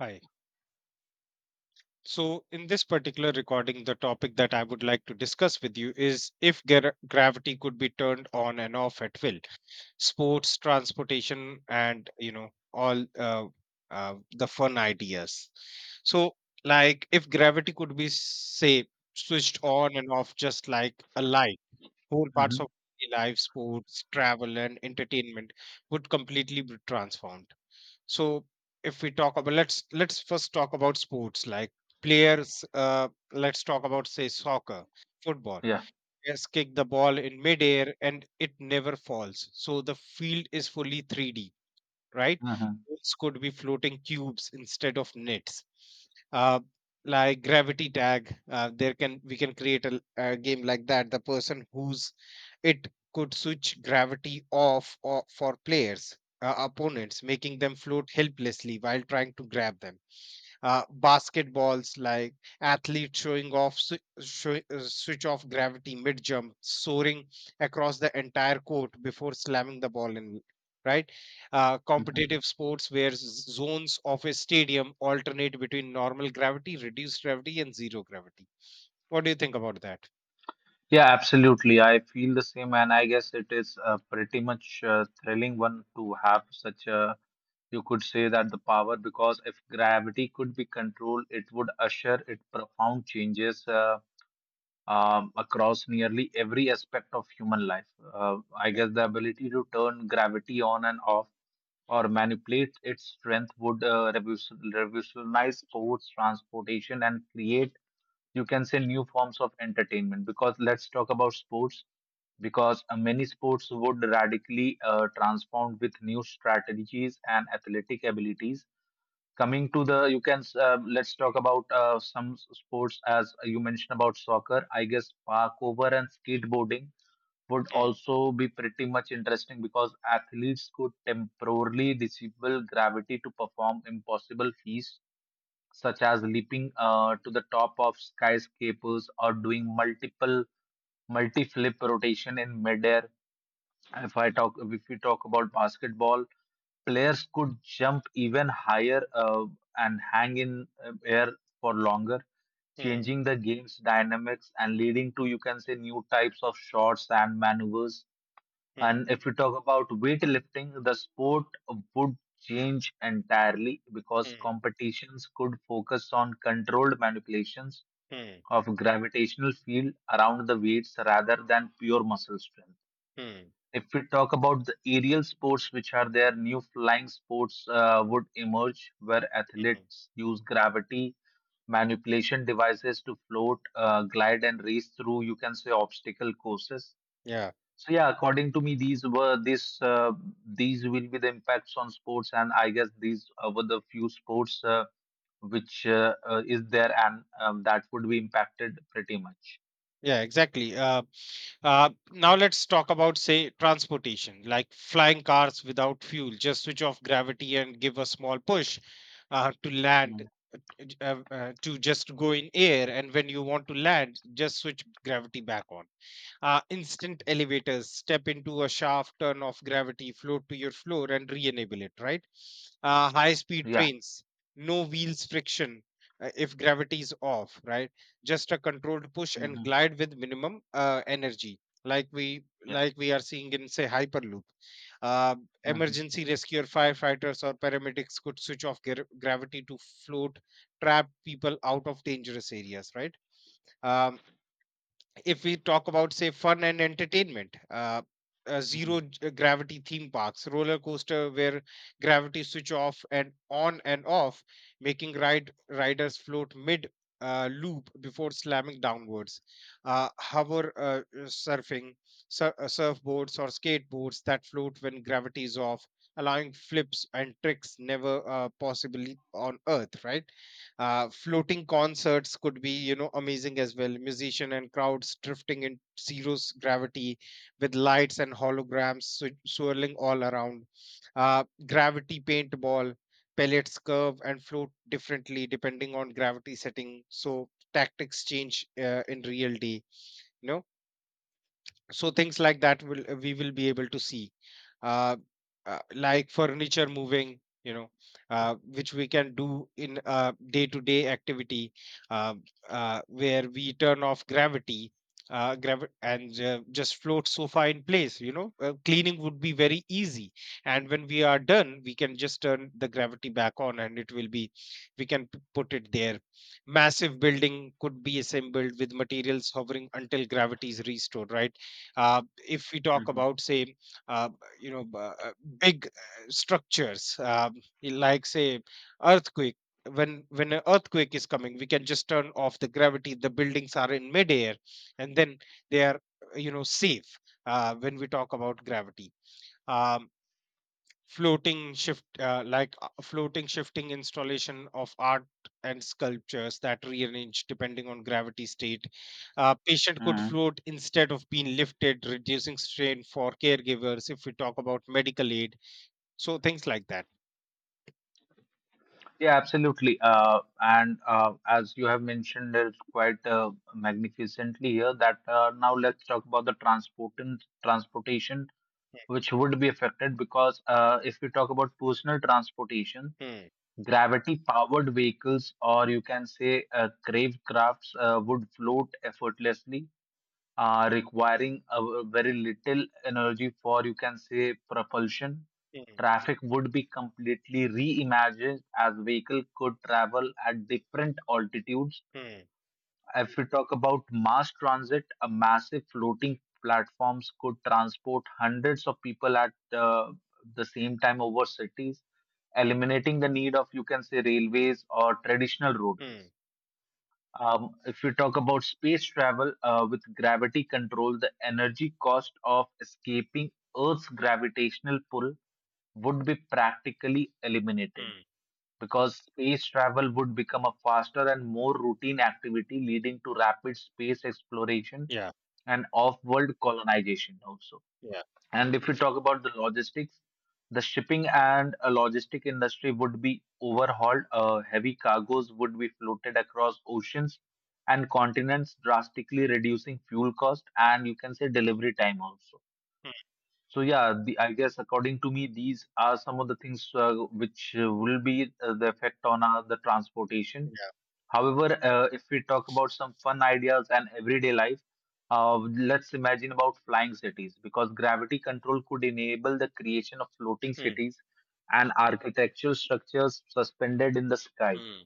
Hi. So, in this particular recording, the topic that I would like to discuss with you is if gravity could be turned on and off at will. Sports, transportation, and all the fun ideas. So, like if gravity could be, say, switched on and off, just like a light, whole parts of Mhm. daily life, sports, travel, and entertainment would completely be transformed. So if we talk about, let's first talk about sports, like players, let's talk about, say, soccer, football. Yeah. Players kick the ball in midair and it never falls, so the field is fully 3D, right? Mhm. Balls could be floating cubes instead of nets. uh, like gravity tag, there can we can create a game like that. The person who's it could switch gravity off or for players, opponents, making them float helplessly while trying to grab them. Basketballs, like athletes showing off, switch off gravity mid jump, soaring across the entire court before slamming the ball in. Right, Mhm. competitive sports where zones of a stadium alternate between normal gravity, reduced gravity, and zero gravity. What do you think about that? Yeah, absolutely. I feel the same, and I guess it is pretty much thrilling one to have such a, you could say that the power, because if gravity could be controlled, it would usher it profound changes across nearly every aspect of human life. I Yeah. guess the ability to turn gravity on and off or manipulate its strength would revolutionize sports, transportation, and create, you can say, new forms of entertainment. Because let's talk about sports, because many sports would radically transform with new strategies and athletic abilities coming to the you can let's talk about some sports as you mentioned about soccer. I guess parkour and skateboarding would Hmm. also be pretty much interesting, because athletes could temporarily disable gravity to perform impossible feats such as leaping to the top of skyscrapers or doing multiple multi-flip rotation in midair. If we talk about basketball, players could jump even higher and hang in air for longer, Hmm. changing the game's dynamics and leading to, you can say, new types of shots and maneuvers. Hmm. And if we talk about weightlifting, the sport would change entirely, because Hmm. competitions could focus on controlled manipulations Hmm. of gravitational field around the weights rather than pure muscle strength. Hmm. If we talk about the aerial sports which are there, new flying sports would emerge where Mhm. athletes use gravity manipulation devices to float, glide, and race through, you can say, obstacle courses. Yeah. So yeah, according to me, these were this these will be the impacts on sports, and I guess these were the few sports which is there, and that would be impacted pretty much. Yeah, exactly. Now let's talk about, say, transportation, like flying cars without fuel. Just switch off gravity and give a small push to land, Mm. To just go in air. And when you want to land, just switch gravity back on. Instant elevators: step into a shaft, turn off gravity, float to your floor, and re-enable it, right? High speed Yeah, trains, no wheels, friction, if gravity is off, right? Just a controlled push and hmm, glide with minimum energy, like we yeah, like we are seeing in, say, hyperloop. uh, hmm, Emergency rescuer, firefighters, or paramedics could switch off gravity to float, trap people out of dangerous areas, right? um, if we talk about, say, fun and entertainment, hmm, zero gravity theme parks, roller coaster where gravity switch off and on and off, making riders float mid loop before slamming downwards. Hover surfing, surfboards or skateboards that float when gravity is off, allowing flips and tricks never possibly on earth, right? Floating concerts could be, amazing as well, musician and crowds drifting in zero gravity with lights and holograms swirling all around. Gravity paintball: pellets curve and float differently depending on gravity setting, so tactics change in real day. No, so things like that will, we will be able to see. uh, like furniture moving, you know, which we can do in a day to day activity, uh, where we turn off gravity, gravi- and just float sofa in place, you know. Cleaning would be very easy, and when we are done we can just turn the gravity back on and it will be, we can put it there. Massive building could be assembled with materials hovering until gravity is restored, right? uh, if we talk hmm, about, say, uh, you know b- uh, big structures, like, say, earthquake. When an earthquake is coming, we can just turn off the gravity, the buildings are in midair and then they are, you know, safe. When we talk about gravity, um, floating shift like floating shifting installation of art and sculptures that rearrange depending on gravity state. Patient could hmm, float instead of being lifted, reducing strain for caregivers, if we talk about medical aid. So things like that. yeah, absolutely. And as you have mentioned, it's quite magnificently here that now let's talk about the transport and transportation, which would be affected, because if we talk about personal transportation. Hmm. Gravity-powered vehicles, or you can say crave crafts, would float effortlessly, requiring a very little energy for, you can say, propulsion. Hmm. Traffic would be completely reimagined as vehicle could travel at different altitudes. Hmm. If we talk about mass transit, a massive floating platforms could transport hundreds of people at the same time over cities, eliminating the need of, you can say, railways or traditional Hmm. roadways. If we talk about space travel with gravity control, the energy cost of escaping Earth's gravitational pull would be practically eliminated, Hmm. because space travel would become a faster and more routine activity, leading to rapid space exploration Yeah. and off world colonization also. Yeah. And if we talk about the logistics, the shipping and logistic industry would be overhauled. Heavy cargoes would be floated across oceans and continents, drastically reducing fuel cost and, you can say, delivery time also. Hmm. So yeah, the, I guess according to me, these are some of the things which will be the effect on the transportation. Yeah. However, if we talk about some fun ideas and everyday life, let's imagine about flying cities, because gravity control could enable the creation of floating Hmm. cities and architectural structures suspended in the sky. Hmm.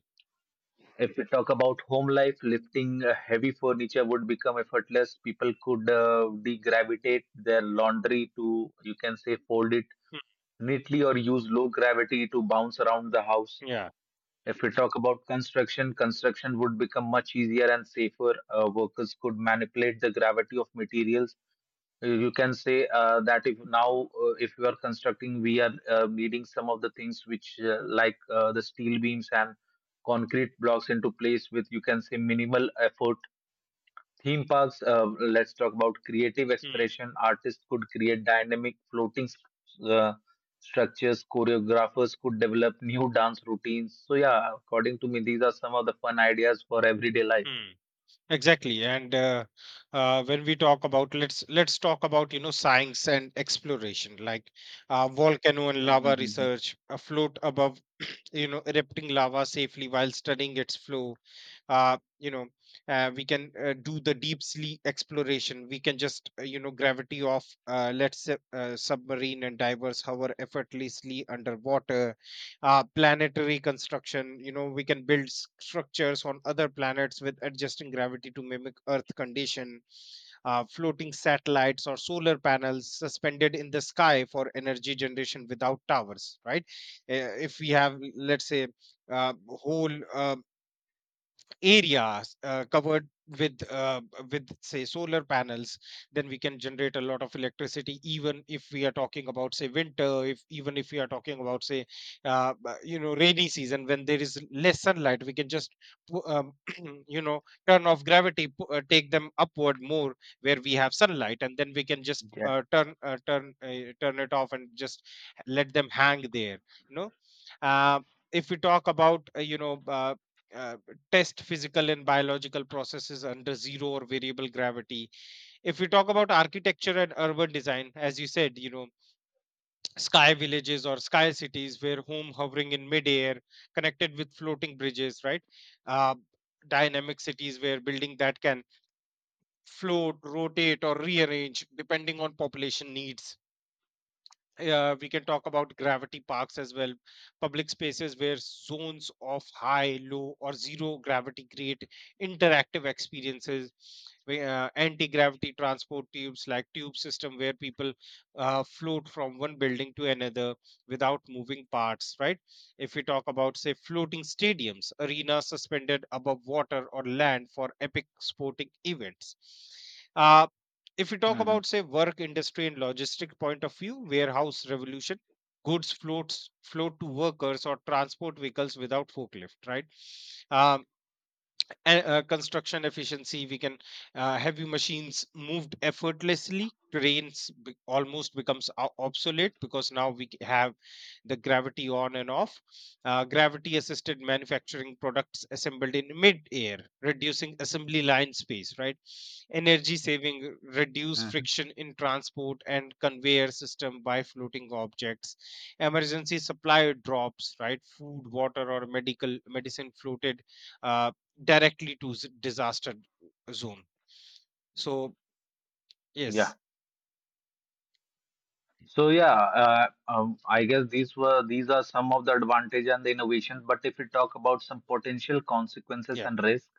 If we talk about home life, lifting heavy furniture would become effortless. People could degravitate their laundry to, you can say, fold it Hmm. neatly, or use low gravity to bounce around the house. Yeah. If we talk about construction, construction would become much easier and safer. Workers could manipulate the gravity of materials. You can say that if now, if we are constructing, we are needing some of the things which, like the steel beams and concrete blocks into place with, you can say, minimal effort. Theme parks. Let's talk about creative Hmm. expression. Artists could create dynamic floating structures, choreographers could develop new dance routines. So, yeah, according to me, these are some of the fun ideas for everyday life. Hmm. Exactly. And when we talk about, let's talk about, you know, science and exploration, like, volcano and lava Mm-hmm. research, afloat above you know, erupting lava safely while studying its flow. You know, we can do the deep sea exploration. We can just, you know, gravity off. Uh, let's say submarine and divers hover effortlessly underwater. Planetary construction, you know, we can build structures on other planets with adjusting gravity to mimic earth condition. Floating satellites or solar panels suspended in the sky for energy generation without towers, right? If we have, let's say, whole areas covered with, with, say, solar panels, then we can generate a lot of electricity, even if we are talking about, say, winter, if even if we are talking about, say, you know, rainy season when there is less sunlight. We can just, pu- um, you know, turn off gravity, take them upward more where we have sunlight, and then we can just Yeah. Turn it off and just let them hang there, you know. uh, if we talk about, uh, test physical and biological processes under zero or variable gravity. If we talk about architecture and urban design, as you said, you know, sky villages or sky cities where home hovering in midair, connected with floating bridges, right? uh, Dynamic cities where building that can float, rotate, or rearrange depending on population needs. We can talk about gravity parks as well, public spaces where zones of high, low, or zero gravity create interactive experiences, where, anti-gravity transport tubes, like tube system where people float from one building to another without moving parts, right? If we talk about, say, floating stadiums, arenas suspended above water or land for epic sporting events. Uh, if we talk Mm-hmm. about, say, work industry and logistic point of view, warehouse revolution: goods float to workers or transport vehicles without forklift, right? um, and, construction efficiency. We can, heavy machines moved effortlessly, trains almost becomes obsolete, because now we have the gravity on and off. Gravity assisted manufacturing, products assembled in mid air, reducing assembly line space, right? Energy saving, reduce Mm-hmm. friction in transport and conveyor system by floating objects. Emergency supply drops, right? Food, water, or medical medicine floated uh, directly to disaster zone. So Yeah. yes. So yeah, I guess these are some of the advantage and the innovations. But if we talk about some potential consequences Yeah. and risk,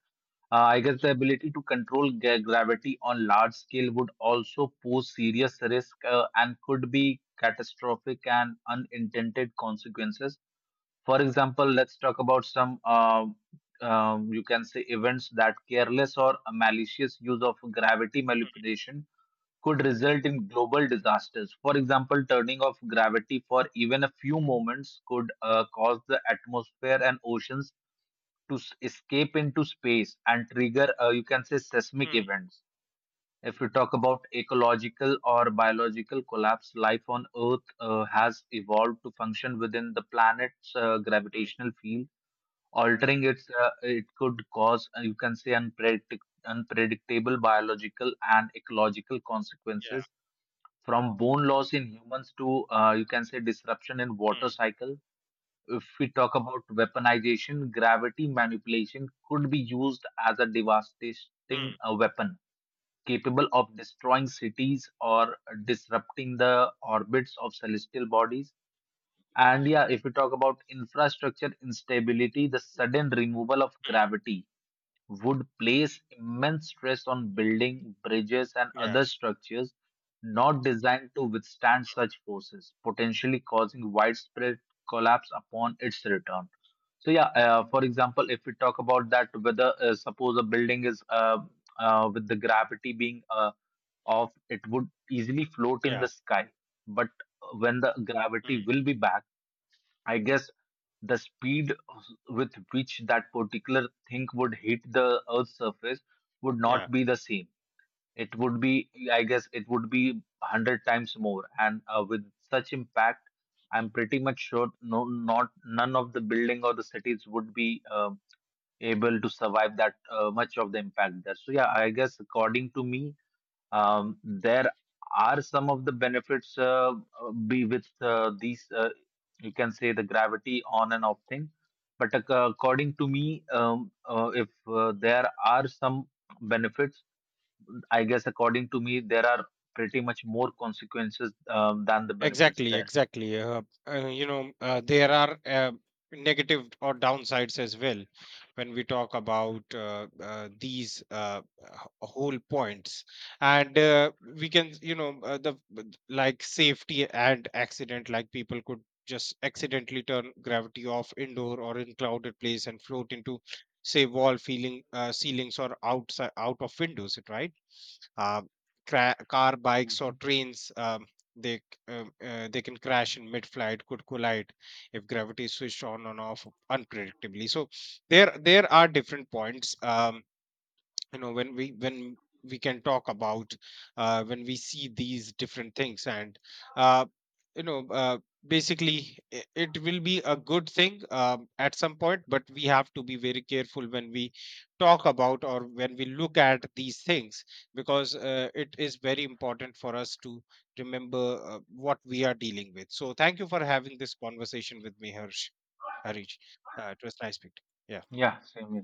I guess the ability to control gravity on large scale would also pose serious risk, and could be catastrophic and unintended consequences. For example, let's talk about some, you can say, events that careless or malicious use of gravity Mm. manipulation could result in global disasters. For example, turning off gravity for even a few moments could cause the atmosphere and oceans to escape into space and trigger, you can say, seismic Mm. events. If we talk about ecological or biological collapse, life on Earth has evolved to function within the planet's Mm. gravitational field. Altering its, it could cause, you can say, unpredictable biological and ecological Yeah. consequences, from bone loss in humans to, you can say, disruption in water Mm. cycle. If we talk about weaponization, gravity manipulation could be used as a devastating Mm. Weapon capable of destroying cities or disrupting the orbits of celestial bodies. And yeah, if we talk about infrastructure instability, the sudden removal of Mm. gravity would place immense stress on building, bridges and Yeah. other structures not designed to withstand such forces, potentially causing widespread collapse upon its return. So, yeah, for example, if we talk about that, whether suppose a building is with the gravity being off, it would easily float in Yeah. the sky. But when the gravity Mm. will be back, I guess the speed with which that particular thing would hit the earth's surface would Yeah. not be the same. It would be 100 times more, and with such impact, I'm pretty much sure no not none of the building or the cities would be able to survive that much of the impact there. So yeah, I guess according to me, there are some of the benefits be with these, you can say, the gravity on and off thing. But according to me, if there are some benefits, I guess according to me, there are pretty much more consequences, than the benefits Exactly, there. exactly. You know, there are, negative or downsides as well when we talk about these, whole points. And we can, you know, the but like safety and accident, like people could just accidentally turn gravity off indoor or in crowded place and float into, say, wall, feeling ceilings or outside out of windows, right? uh, Car, bikes, or Mhm. trains, they c- they can crash in mid flight, could collide if gravity is switched on and off unpredictably. So there are different points, you know, when we can talk about, when we see these different things. And, uh, you know, basically, it will be a good thing, at some point, but we have to be very careful when we talk about or when we look at these things, because it is very important for us to remember what we are dealing with. So thank you for having this conversation with me, harsh Harish. Uh, it was nice speaking. Yeah. Yeah, same here.